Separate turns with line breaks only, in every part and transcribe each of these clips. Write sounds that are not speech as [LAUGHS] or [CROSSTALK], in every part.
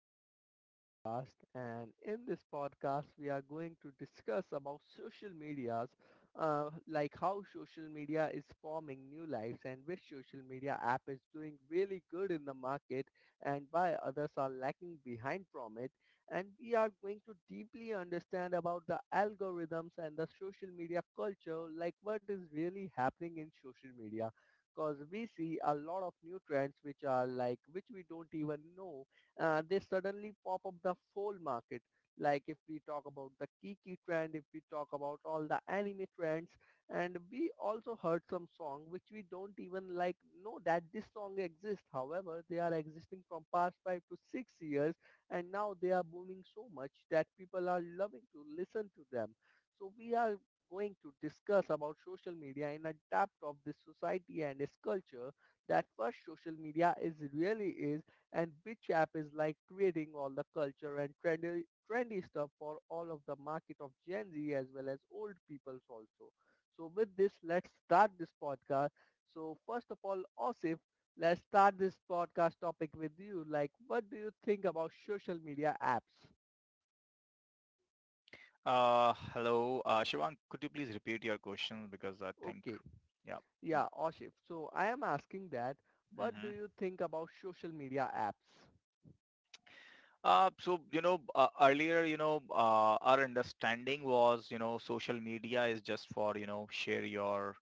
in our new podcast. And in this podcast, we are going to discuss about social medias, like how social media is forming new lives and which social media app is doing really good in the market and why others are lacking behind from it. And we are going to deeply understand about the algorithms and the social media culture, like what is really happening in social media because we see a lot of new trends which are like which we don't even know, they suddenly pop up the whole market, like if we talk about the kiki trend, if we talk about all the anime trends. And we also heard some song which we don't even know that this song exists, however they are existing from past 5 to 6 years and now they are booming so much that people are loving to listen to them. So we are going to discuss about social media in a depth of this society and its culture, that what social media is really is and which app is like creating all the culture and trendy stuff for all of the market of Gen Z as well as old peoples also. So with this, let's start this podcast. So first of all, Osif, let's start this podcast topic with you. Like, what do you think about social media apps?
Hello, Shivang. Could you please repeat your question because I think,
Okay.
yeah.
Yeah, Oshif. So I am asking that,
Mm-hmm.
what do you think about social media apps?
Earlier, our understanding was, you know, social media is just for, you know, share your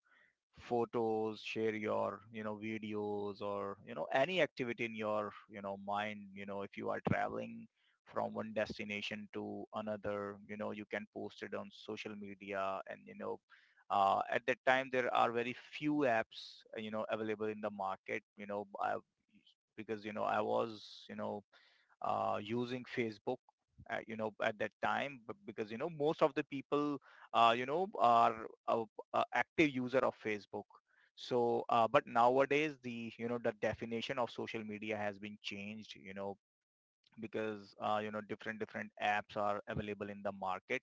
photos, share your, you know, videos or, you know, any activity in your, you know, mind. You know, if you are traveling from one destination to another, you know, you can post it on social media. And at that time there are very few apps, you know, available in the market you know I, because you know I was you know using Facebook, you know, at that time, but because, you know, most of the people, you know, are active user of Facebook. So, but nowadays the, you know, the definition of social media has been changed, you know, because you know, different apps are available in the market,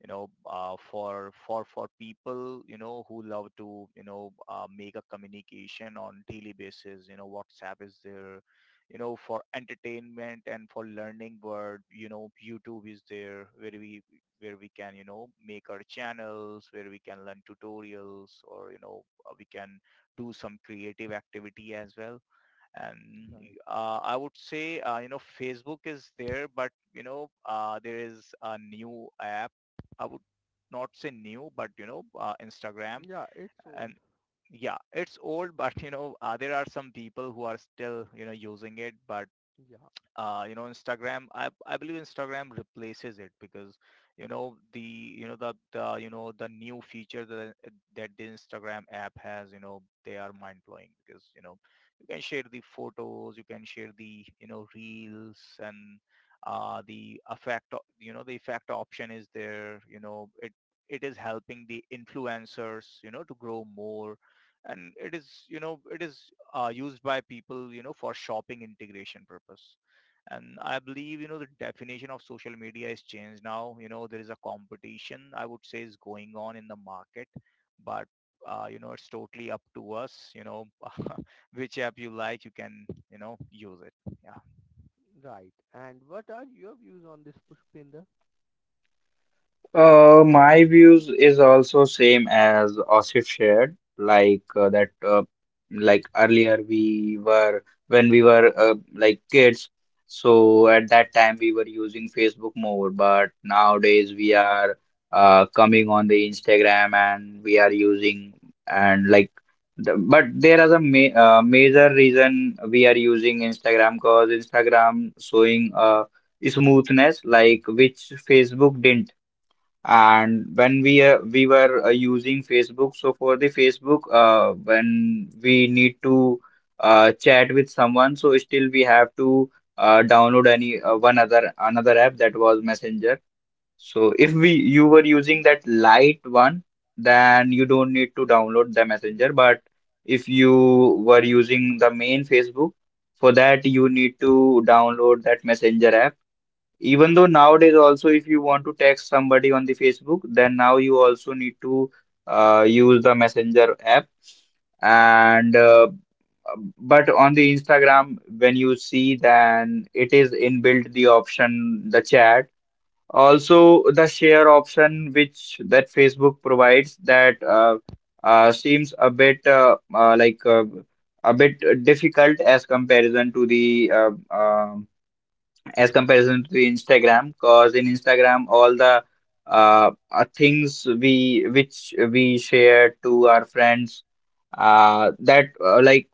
you know, for for people, you know, who love to, you know, make a communication on daily basis. You know, WhatsApp is there, you know, for entertainment and for learning word. You know, YouTube is there where we can, you know, make our channels, where we can learn tutorials, or you know, we can do some creative activity as well. And
Right.
I would say, you know, Facebook is there, but you know, there is a new app. I would not say new, but you know, Instagram.
Yeah, it's
And
old.
yeah, it's old, [LAUGHS] but you know, there are some people who are still, you know, using it. But
Yeah,
you know, Instagram, I believe Instagram replaces it, because you know the new feature that the Instagram app has, you know, they are mind blowing. Because, you know, you can share the photos, you can share the, you know, reels, and you know, the effect option is there. You know, it is helping the influencers, you know, to grow more. And it is, you know, it is, used by people, you know, for shopping integration purpose. And I believe, you know, the definition of social media is changed now. You know, there is a competition, I would say, is going on in the market. But you know, it's totally up to us, you know. [LAUGHS] Which app you like, you can, you know, use it. Yeah.
right. And what are your views on this, Pushpinder?
My views is also same as Osif shared, like earlier we were when we were like kids, so at that time we were using Facebook more, but nowadays we are coming on the Instagram and we are using and like the, but there is a ma major reason we are using Instagram because Instagram showing smoothness like which Facebook didn't. And when we were using Facebook, so for the Facebook, when we need to chat with someone, so still we have to download any one other another app that was Messenger. So if we you were using that light one, then you don't need to download the Messenger. But if you were using the main Facebook, for that you need to download that Messenger app. Even though nowadays also if you want to text somebody on the Facebook, then now you also need to use the Messenger app. And but on the Instagram, when you see, then it is inbuilt the option, the chat. Also, the share option which that Facebook provides, that seems a bit a bit difficult as comparison to the as comparison to the Instagram, because in Instagram all the things we which we share to our friends, that like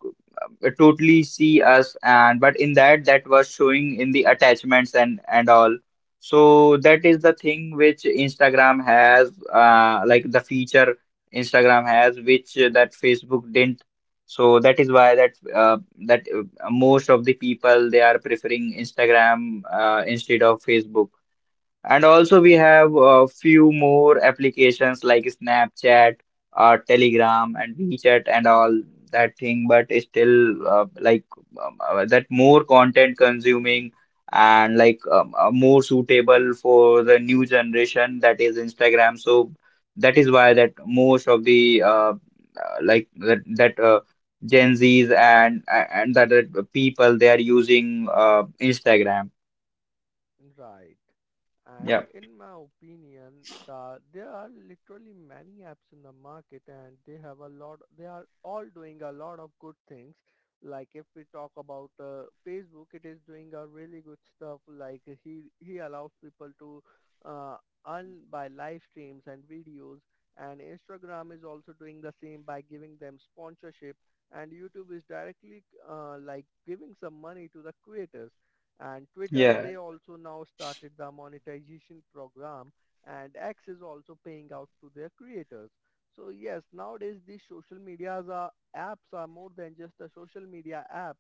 totally see us, and but in that, that was showing in the attachments and all. So that is the thing which Instagram has, like the feature Instagram has which that Facebook didn't. So that is why that that most of the people they are preferring Instagram instead of Facebook. And also we have a few more applications like Snapchat, Telegram, and WeChat and all that thing. But still that more content consuming and more suitable for the new generation, that is Instagram. So that is why that most of the like that, that Gen Zs and that people they are using Instagram.
Right. And
Yeah.
in my opinion, there are literally many apps in the market and they have a lot, they are all doing a lot of good things. Like if we talk about Facebook, it is doing a really good stuff. Like he allows people to uh, earn by live streams and videos. And Instagram is also doing the same by giving them sponsorship. And YouTube is directly like giving some money to the creators, and Twitter
Yeah.
they also now started the monetization program, and X is also paying out to their creators. So yes, nowadays these social media apps are more than just a social media app.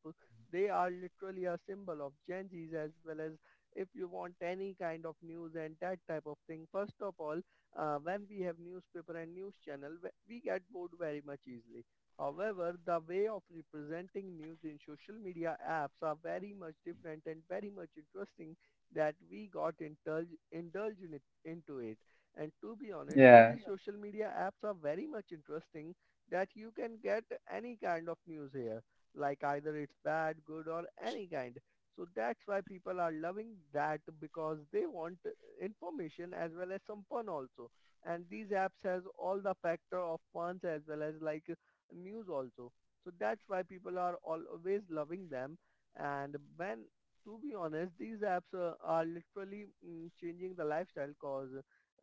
They are literally a symbol of Gen Z's as well as if you want any kind of news and that type of thing. First of all, when we have newspaper and news channel, we get bored very much easily. However, the way of representing news in social media apps are very much different and very much interesting, that we got indulged in it, into it. And to be honest,
Yeah.
these social media apps are very much interesting that you can get any kind of news here, like either it's bad, good or any kind. So that's why people are loving that, because they want information as well as some fun also. And these apps has all the factor of funs as well as like news also. So that's why people are always loving them. And when, to be honest, these apps are literally changing the lifestyle, cause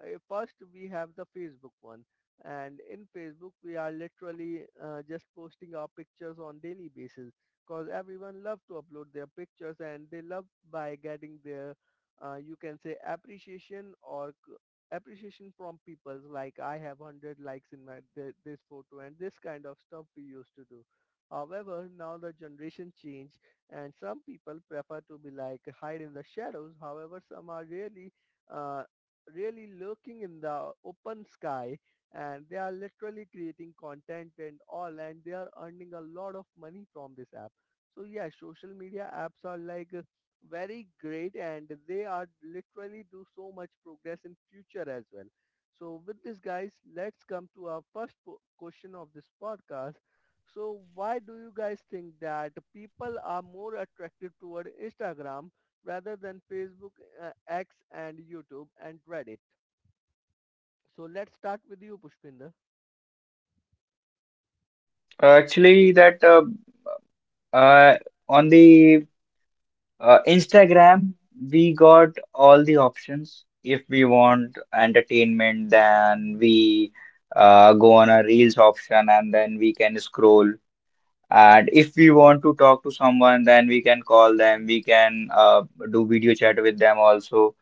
first we have the Facebook one. And in Facebook, we are literally just posting our pictures on daily basis, because everyone love to upload their pictures and they love by getting their, you can say appreciation or appreciation from people, like I have 100 likes in my this photo, and this kind of stuff we used to do. However, now the generation change and some people prefer to be like hide in the shadows. However, some are really, uh, really lurking in the open sky, and they are literally creating content and all, and they are earning a lot of money from this app. So yeah, social media apps are like very great and they are literally do so much progress in future as well. So with this guys, let's come to our first question of this podcast. So why do you guys think that people are more attracted toward Instagram rather than Facebook, X and YouTube and Reddit? So let's start with you, Pushpinder.
Actually, that uh, on the Instagram, we got all the options. If we want entertainment, then we go on a Reels option and then we can scroll. And if we want to talk to someone, then we can call them. We can do video chat with them also.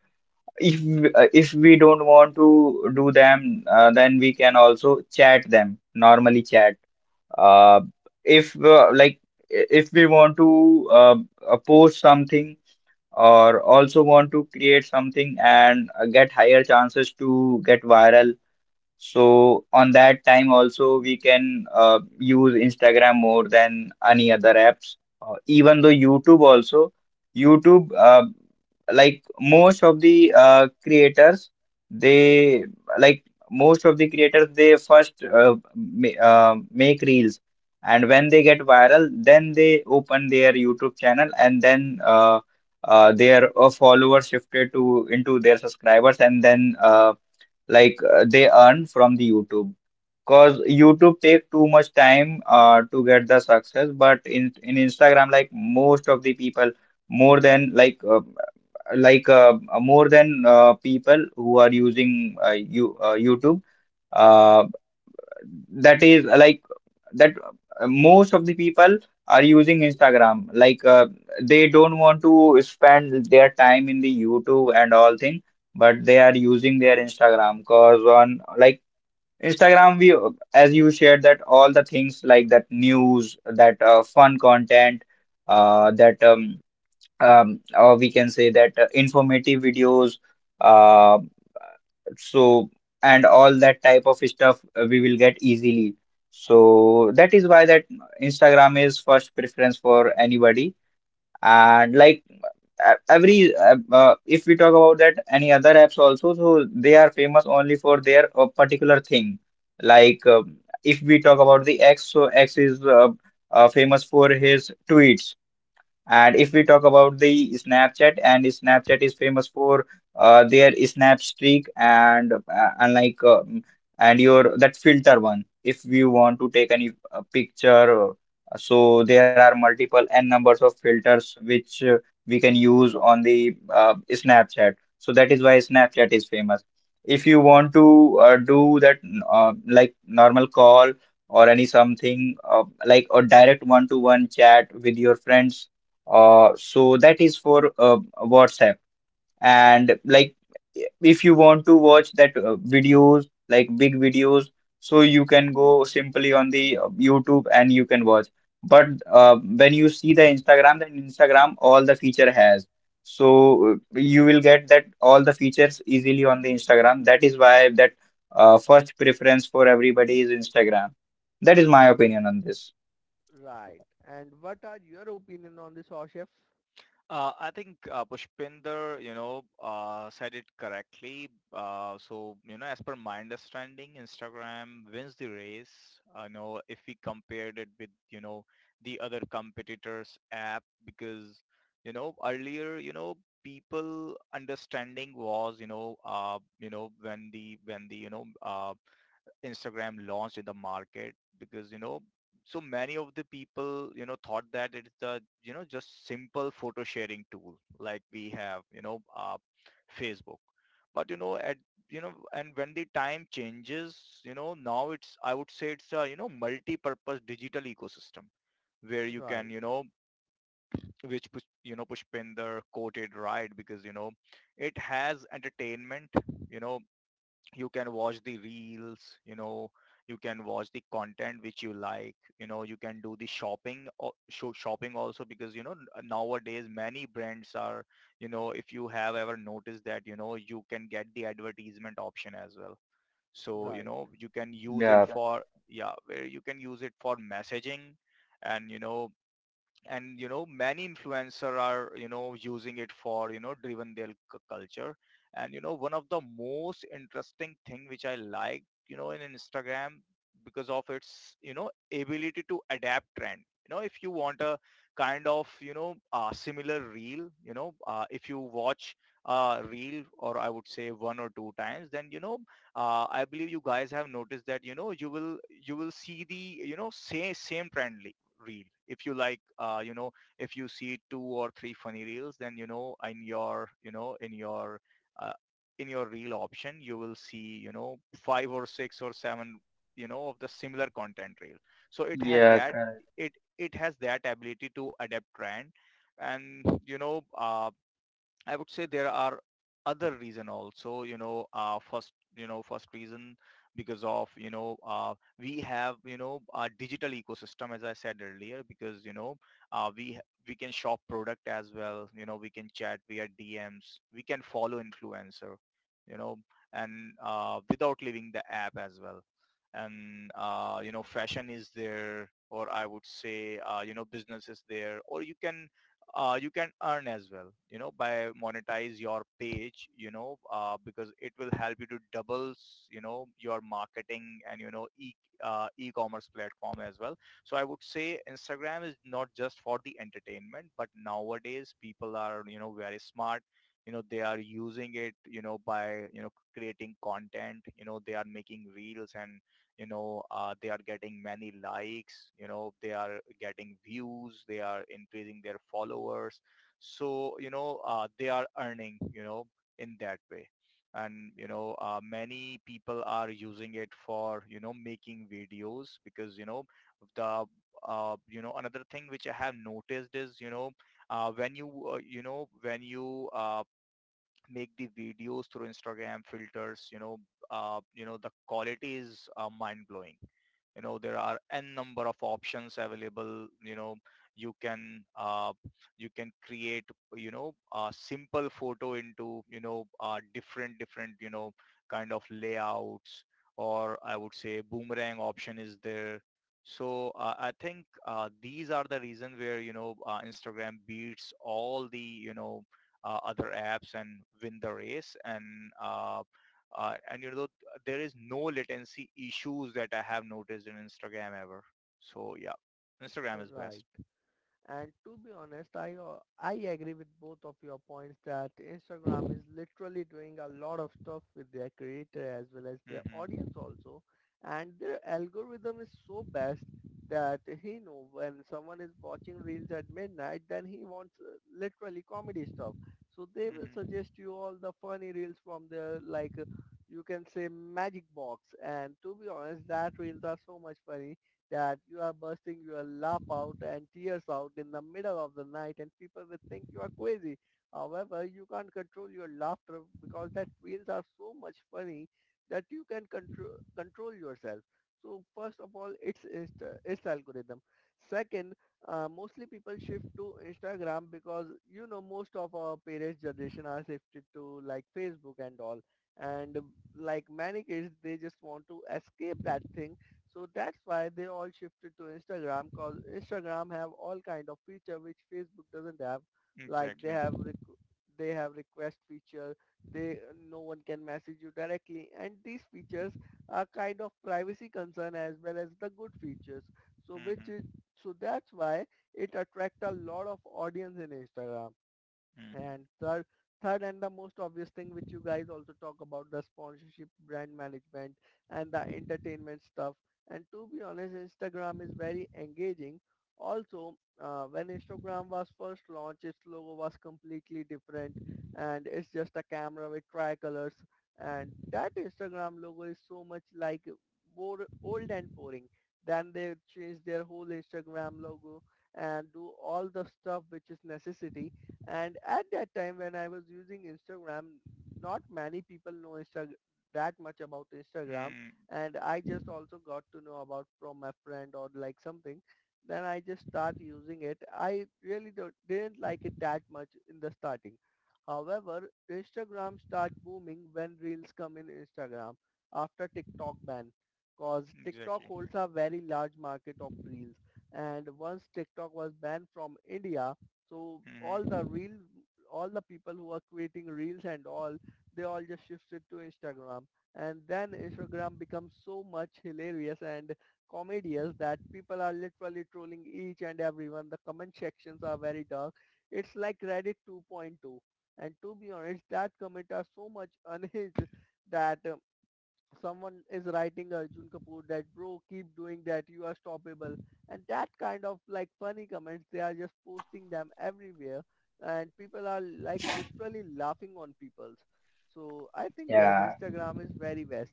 If if we don't want to do them, then we can also chat them, normally chat. Uh, if uh, like if we want to post something or also want to create something and get higher chances to get viral, so on that time also we can use Instagram more than any other apps. Even though YouTube also, YouTube like most of the creators they like most of the creators they first ma make reels, and when they get viral then they open their YouTube channel and then their followers shifted to into their subscribers and then they earn from the YouTube. Because YouTube take too much time to get the success, but in Instagram, like most of the people, more than like uh, like uh, more than people who are using YouTube. Uh, that is like that Most of the people are using Instagram. They don't want to spend their time in the YouTube and all thing, but they are using their Instagram because on like Instagram, we as you shared that all the things like that news, that fun content, that or we can say that informative videos, uh, so and all that type of stuff we will get easily. So that is why that Instagram is first preference for anybody. And like every if we talk about that any other apps also, so they are famous only for their particular thing. Like, if we talk about the X, so X is famous for his tweets. And if we talk about the Snapchat, and Snapchat is famous for their snap streak and like uh, and your that filter one. If you want to take any picture, so there are multiple n numbers of filters which we can use on the Snapchat. So that is why Snapchat is famous. If you want to do that like normal call or any something like a direct one-to-one chat with your friends, so that is for WhatsApp. And like, if you want to watch that videos, like big videos, so you can go simply on the YouTube and you can watch. But when you see the Instagram, then Instagram all the feature has. So you will get that all the features easily on the Instagram. That is why that first preference for everybody is Instagram. That is my opinion on this.
Right. [LAUGHS] And what are your opinion on this, Hoshef?
I think Pushpinder, you know, said it correctly. So, you know, as per my understanding, Instagram wins the race. I know if we compared it with, you know, the other competitors' app, because, you know, earlier, you know, people understanding was, you know, when the you know, Instagram launched in the market, because, you know, so many of the people, you know, thought that it's the, you know, just simple photo sharing tool like we have, you know, Facebook. But, you know, at, you know, and when the time changes, you know, now it's, I would say it's a, you know, multi-purpose digital ecosystem where you can,
Right.
you know, which, you know, Pushpinder quoted right, because, you know, it has entertainment, you know, you can watch the reels. You know, you can watch the content which you like. You know, you can do the shopping or shopping also, because you know, nowadays many brands are, you know, if you have ever noticed that, you know, you can get the advertisement option as well. So you
Right.
know, you can use it
Yeah,
for, yeah, where you can use it for messaging. And you know, many influencer are, you know, using it for, you know, driven their culture. And you know, one of the most interesting thing which I like, you know, in Instagram, because of its, you know, ability to adapt trend. You know, if you want a kind of, you know, similar reel, you know, if you watch a reel, or I would say, one or two times, then you know, I believe you guys have noticed that, you know, you will see the, you know, same trend reel. If you like, you know, if you see two or three funny reels, then you know, in your, you know, in your, uh, in your reel option, you will see, you know, five or six or seven, you know, of the similar content reel. So it has
yeah,
that,
correct.
it it has that ability to adapt trend. And you know, I would say there are other reason also, you know, first, you know, first reason, because of, you know, we have, you know, a digital ecosystem, as I said earlier, because, you know, uh, we, we can shop product as well. You know, we can chat via DMs. We can follow influencer, you know, and without leaving the app as well. And, you know, fashion is there, or I would say, you know, business is there, or you can, you can earn as well, you know, by monetize your page. You know, because it will help you to doubles, you know, your marketing and you know, e e-commerce platform as well. So I would say Instagram is not just for the entertainment, but nowadays people are, you know, very smart. You know, they are using it, you know, by, you know, creating content. You know, they are making reels. And you know, they are getting many likes. You know, they are getting views, they are increasing their followers. So you know, they are earning, you know, in that way. And you know, many people are using it for, you know, making videos. Because you know, the you know, another thing which I have noticed is, you know, when you you know, when you, make the videos through Instagram filters, you know, you know, the quality is, mind blowing. You know, there are n number of options available. You know, you can, you can create, you know, a simple photo into, you know, different, you know, kind of layouts, or I would say boomerang option is there. So I think these are the reason where, you know, Instagram beats all the, you know, other apps and win the race. And uh, and you know, there is no latency issues that I have noticed in Instagram ever. So yeah, Instagram is
Right.
best.
And to be honest, I agree with both of your points that Instagram is literally doing a lot of stuff with their creator as well as their audience
Mm-hmm.
also, and their algorithm is so best that he know when someone is watching reels at midnight, then he wants literally comedy stuff. So they will
Mm-hmm.
suggest you all the funny reels from the you can say magic box. And to be honest, that reels are so much funny that you are bursting your laugh out and tears out in the middle of the night, and people will think you are crazy. However, you can't control your laughter because that reels are so much funny that you can control yourself. So first of all, it's it's algorithm. Second, mostly people shift to Instagram because you know most of our parents' generation are shifted to like Facebook and all. And like many kids, they just want to escape that thing, so that's why they all shifted to Instagram because Instagram have all kind of feature which Facebook doesn't have. Like
Exactly.
they have request feature. They, no one can message you directly, and these features are kind of privacy concern as well as the good features. So which is
Mm-hmm.
So that's why it attract a lot of audience in Instagram. And
Mm-hmm.
third, third and the most obvious thing which you guys also talk about the sponsorship, brand management and the entertainment stuff. And to be honest, Instagram is very engaging. Also, when Instagram was first launched, its logo was completely different and it's just a camera with tricolors. And that Instagram logo is so much like more old and boring. Then they changed their whole Instagram logo and do all the stuff which is necessary, and at that time when I was using Instagram, not many people know that much about Instagram.
Mm,
And I just also got to know about from my friend or like something. Then I just start using it. I really don't, didn't like it that much in the starting. However, Instagram start booming when Reels come in Instagram after TikTok ban. Cause TikTok
exactly.
holds a very large market of Reels. And once TikTok was banned from India, so all the
Mm-hmm.
all the people who are creating reels and all, they all just shifted to Instagram. And then Instagram becomes so much hilarious and comedious that people are literally trolling each and everyone. The comment sections are very dark. It's like Reddit 2.2. And to be honest, that comment are so much unhinged that someone is writing Arjun Kapoor that bro keep doing that you are stoppable, and that kind of like funny comments they are just posting them everywhere, and people are like literally laughing on people's. So I think yes,
Yeah.
Instagram is very best,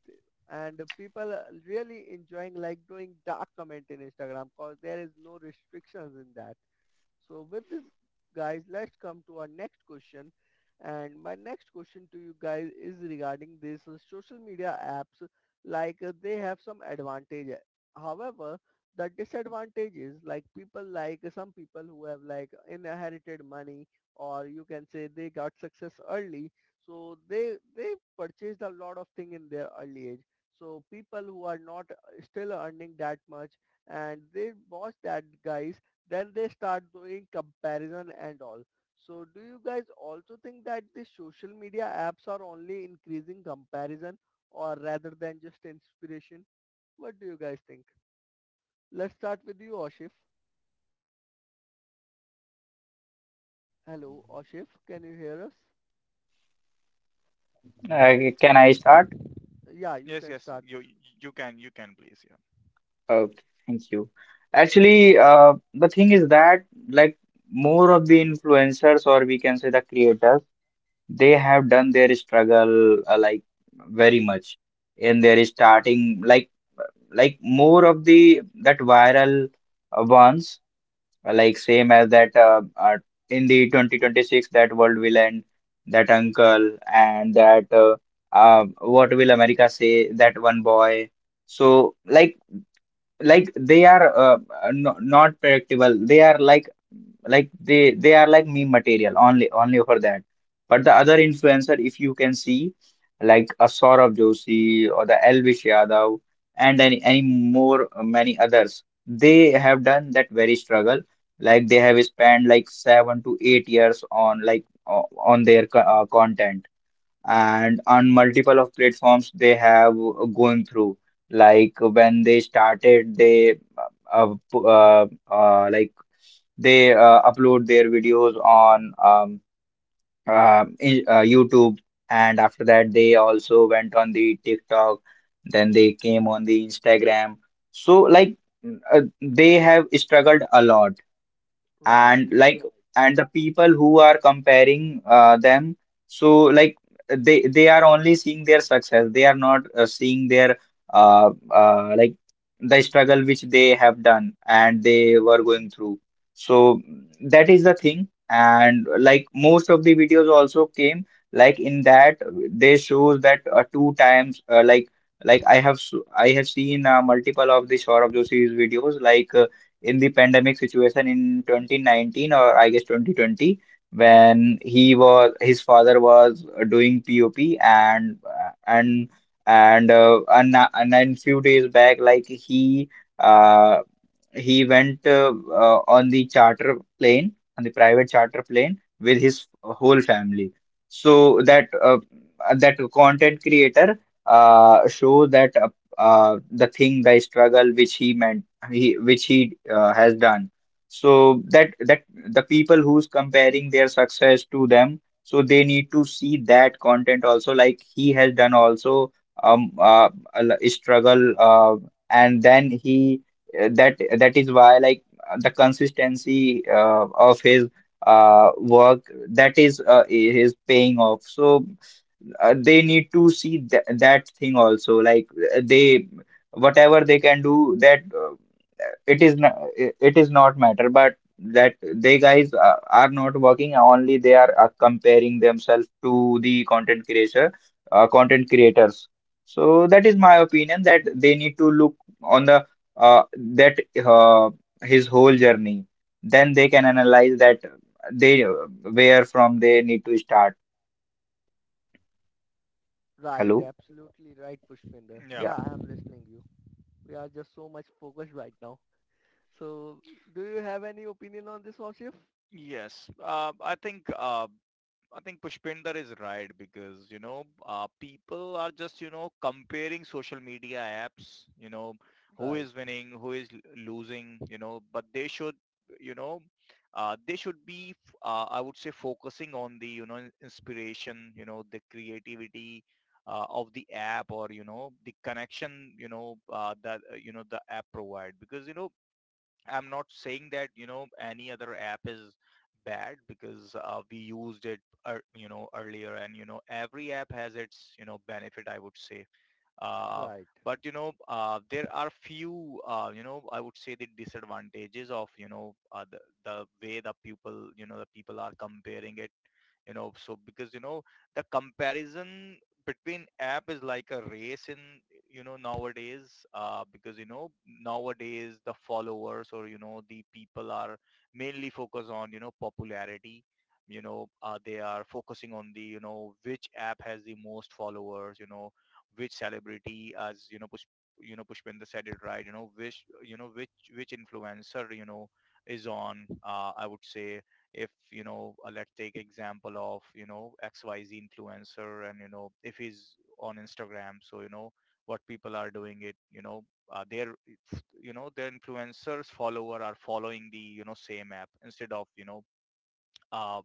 and people are really enjoying like doing dark comment in Instagram because there is no restrictions in that. So with this, guys, let's come to our next question. And my next question to you guys is regarding these social media apps. Like they have some advantage. However, the disadvantage is like people like some people who have like inherited money, or you can say they got success early. So they purchased a lot of thing in their early age. So people who are not still earning that much and they watch that guys, then they start doing comparison and all. So do you guys also think that the social media apps are only increasing comparison or rather than just inspiration? What do you guys think? Let's start with you, Oshif. Hello, Oshif. Can you hear us?
Can I start?
Yeah, you
Yes,
can
yes.
start,
You
Push.
you can, you can, please, yeah.
Okay, thank you. Actually, the thing is that like more of the influencers, or we can say the creators, they have done their struggle like very much in their starting, like more of the that viral ones, like same as that in the 2026 that world will end, that uncle and that what will America say, that one boy. So they are no, not predictable. They they are like meme material, only only for that. But the other influencer, if you can see, like a Saurabh Joshi or the Elvish Yadav and any more, many others, they have done that very struggle. Like they have spent like 7 to 8 years on on their content, and on multiple of platforms they have gone through. Like when they started they uh, pu- uh, uh, like upload their videos on YouTube, and after that they also went on the TikTok, then they came on the Instagram. So they have struggled a lot.
Right,
And the people who are comparing them, so like they are only seeing their success, they are not seeing their uh, uh, like the struggle which they have done and they were going through. So that is the thing. And like most of the videos also came, like in that, they shows that two times, like I have I have seen multiple of the Saurabh Joshi's videos, in the pandemic situation in 2019 or I guess 2020, when he was his father was doing POP. And and then few days back, like uh he went on the charter plane, on the private charter plane with his whole family. So that that content creator show that the thing, the struggle which he meant, he which he has done. So that that the people who's comparing their success to them, so they need to see that content also, like he has done also a struggle, and then he that that is why like the consistency of his work, that is paying off. So they need to see th that thing also. Like they whatever they can do, that it is not, it is not matter, but that they guys are not working only, they are comparing themselves to the content creator content creators. So that is my opinion, that they need to look on the that uh, his whole journey. Then they can analyze that they where from they need to start.
right,
Hello.
absolutely right, Pushpinder.
Yeah.
Yeah.
Yeah, I am listening you. We are just so much focused right now. So, do you have any opinion on this, Oshif?
Yes. I think Pushpinder is right, because, you know, people are just, you know, comparing social media apps, you know, who
Right,
is winning, who is losing, you know, but they should, you know, they should be, I would say, focusing on the, you know, inspiration, you know, the creativity of the app, or, you know, the connection, you know, that, you know, the app provide. Because, you know, I'm not saying that, you know, any other app is bad, because we used it, ear you know, earlier, and, you know, every app has its, you know, benefit, I would say. Uh,
right.
but you know, there are few, you know, I would say the disadvantages of, you know, the way the people, you know, the people are comparing it. You know, so because you know, the comparison between app is like a race in, you know, nowadays. Because you know, nowadays the followers, or you know, the people are mainly focused on, you know, popularity. You know, they are focusing on the, you know, which app has the most followers. You know, which celebrity, as you know, push you know, Pushpinda said it right. You know, which, you know, which influencer, you know, is on, I would say, if you know, let's take example of, you know, XYZ influencer. And you know, if he's on Instagram, so you know what people are doing it? You know, their you know, their influencers follower are following the, you know, same app, instead of, you know, uh,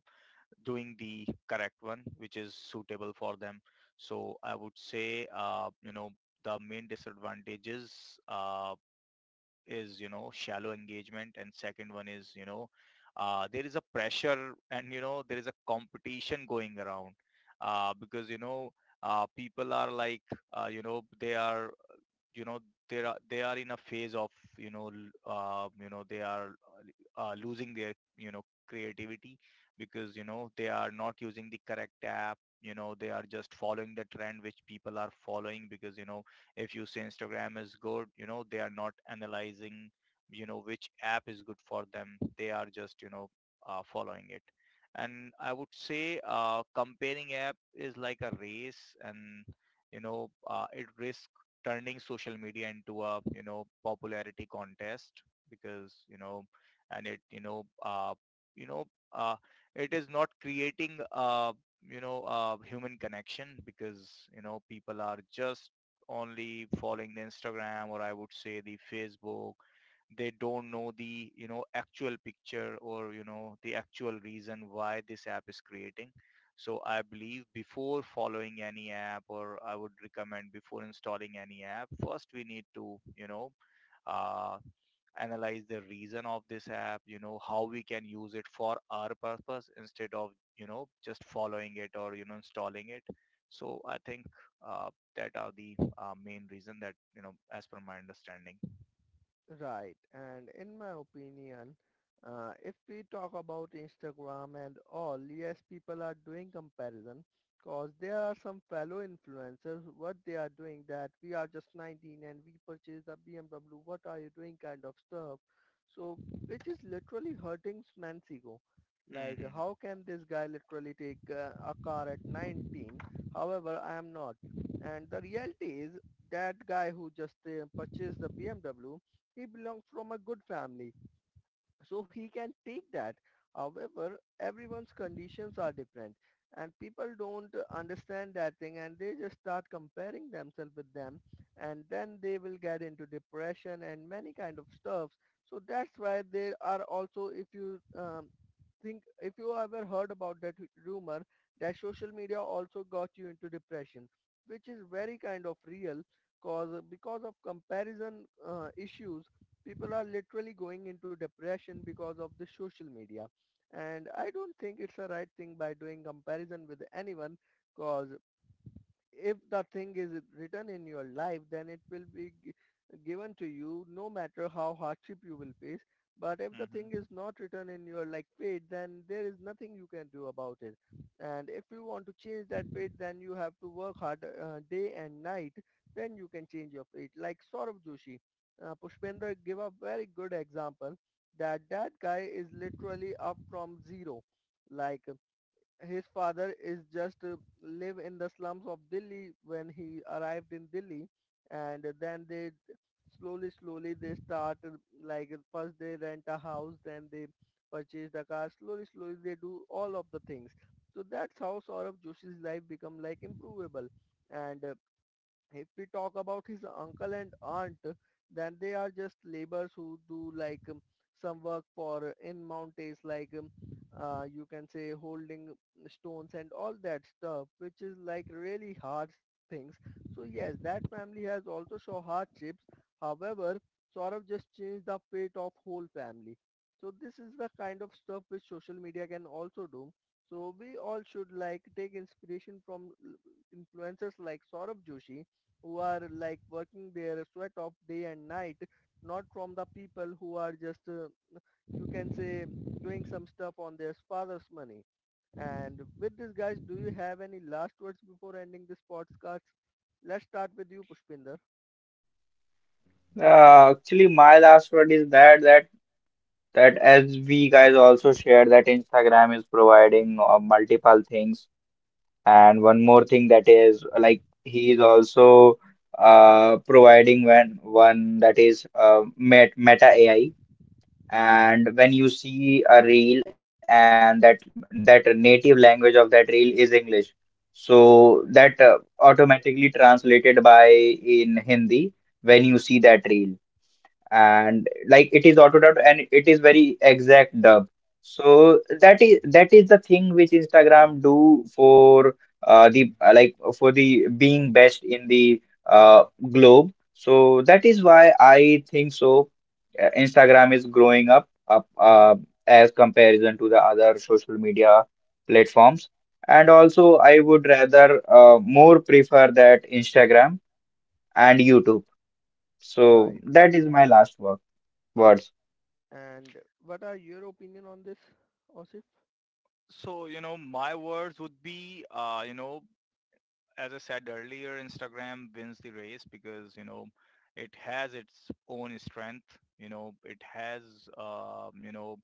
doing the correct one which is suitable for them. So I would say, you know, the main disadvantages, is, you know, shallow engagement. And second one is, you know, there is a pressure, and you know, there is a competition going around. Because you know, people are like, you know, you know they are, in a phase of, you know, you know, they are, losing their, you know, creativity. Because you know, they are not using the correct app. You know, they are just following the trend which people are following. Because you know, if you say Instagram is good, you know, they are not analyzing, you know, which app is good for them. They are just, you know, following it. And I would say, comparing app is like a race. And you know, it risks turning social media into a, you know, popularity contest. Because you know, and it you know, you know uh, it is not creating, human connection. Because you know, people are just only following the Instagram, or I would say the Facebook. They don't know the, you know, actual picture, or you know, the actual reason why this app is creating. So I believe, before following any app, or I would recommend, before installing any app, first we need to, you know, uh, analyze the reason of this app. You know, how we can use it for our purpose, instead of, you know, just following it or, you know, installing it. So I think uh, that are the, main reason, that you know, as per my understanding.
Right. And in my opinion, if we talk about Instagram and all, yes, people are doing comparison because there are some fellow influencers, what they are doing, that we are just 19 and we purchased a BMW, what are you doing kind of stuff. So, which is literally hurting man's ego. Like,
Hmm.
how can this guy literally take a car at 19? However, I am not. And the reality is that guy who just purchased the BMW, he belongs from a good family, so he can take that. However, everyone's conditions are different and people don't understand that thing and they just start comparing themselves with them, and then they will get into depression and many kind of stuff. So that's why they are also, if you think, if you ever heard about that rumor that social media also got you into depression, which is very kind of real, cause because of comparison issues, people are literally going into depression because of the social media. And I don't think it's a right thing by doing comparison with anyone, cause if the thing is written in your life, then it will be given to you no matter how hardship you will face. But if the thing is not written in your like fate, then there is nothing you can do about it. And if you want to change that fate, then you have to work hard day and night. Then you can change your fate. Like Saurabh Joshi, Pushpender give a very good example, that that guy is literally up from zero. Like his father is just live in the slums of Delhi when he arrived in Delhi, and then they slowly slowly they start first they rent a house, then they purchase the car, slowly slowly they do all of the things. So that's how Saurabh Joshi's life become like improvable. And if we talk about his uncle and aunt, then they are just laborers who do like some work for in mountains like you can say holding stones and all that stuff, which is like really hard things. So yes, that family has also show hardships. However, Saurav just changed the fate of whole family. So this is the kind of stuff which social media can also do. So we all should like take inspiration from influencers like Saurabh Joshi, who are like working their sweat off day and night, not from the people who are just, you can say, doing some stuff on their father's money. And with this, guys, do you have any last words before ending this podcast? Let's start with you, Pushpinder.
Actually, my last word is that that as we guys also shared that Instagram is providing multiple things, and one more thing that is like he is also providing when one, that is Meta AI, and when you see a reel and that that native language of that reel is English, so
Right,
that automatically translated by in Hindi when you see that reel, and like it is auto autodubbed and it is very exact dub. So that is the thing which Instagram do for the like for the being best in the uh, globe. So that is why I think so, Instagram is growing up as comparison to the other social media platforms. And also I would rather more prefer that Instagram and YouTube. So
right.
that is my last work words.
And what are your opinion on this, Osif?
So, you know, my words would be, you know, as I said earlier, Instagram wins the race, because, you know, it has its own strength. You know, it has, you know,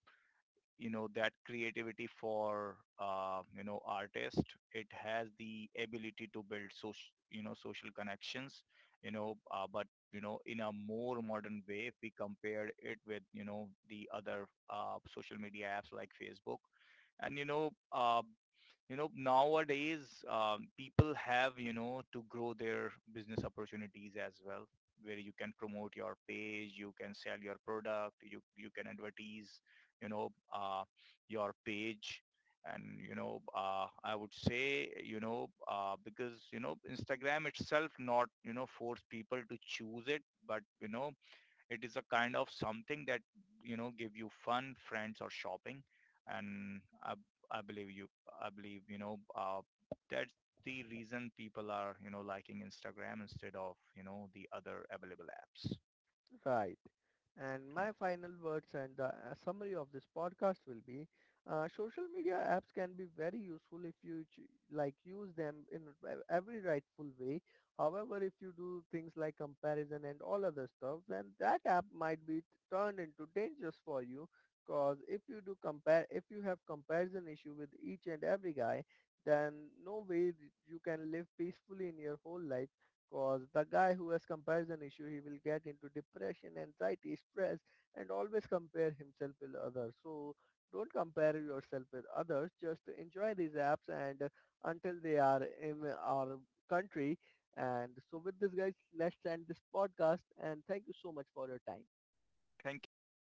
you know, that creativity for, you know, artist. It has the ability to build social, you know, social connections. You know, but you know, in a more modern way, if we compare it with, you know, the other, social media apps like Facebook. And you know, you know, nowadays, people have, you know, to grow their business opportunities as well, where you can promote your page, you can sell your product, you can advertise, you know, your page. And, you know, I would say, you know, because, you know, Instagram itself not, you know, force people to choose it, but, you know, it is a kind of something that, you know, give you fun, friends or shopping. And I believe I believe, you know, that's the reason people are, you know, liking Instagram instead of, you know, the other available apps.
Right. And
Hmm.
my final words and the summary of this podcast will be social media apps can be very useful if you use them in every rightful way. However, if you do things like comparison and all other stuff, then that app might be turned into dangerous for you, because if you do compare, if you have comparison issue with each and every guy, then no way you can live peacefully in your whole life. Cause the guy who has comparison issue, he will get into depression, anxiety, stress, and always compare himself with others. So don't compare yourself with others. Just enjoy these apps and until they are in our country. And so with this guys, let's end this podcast and thank you so much for your time.
Thank
Thank
you.
you.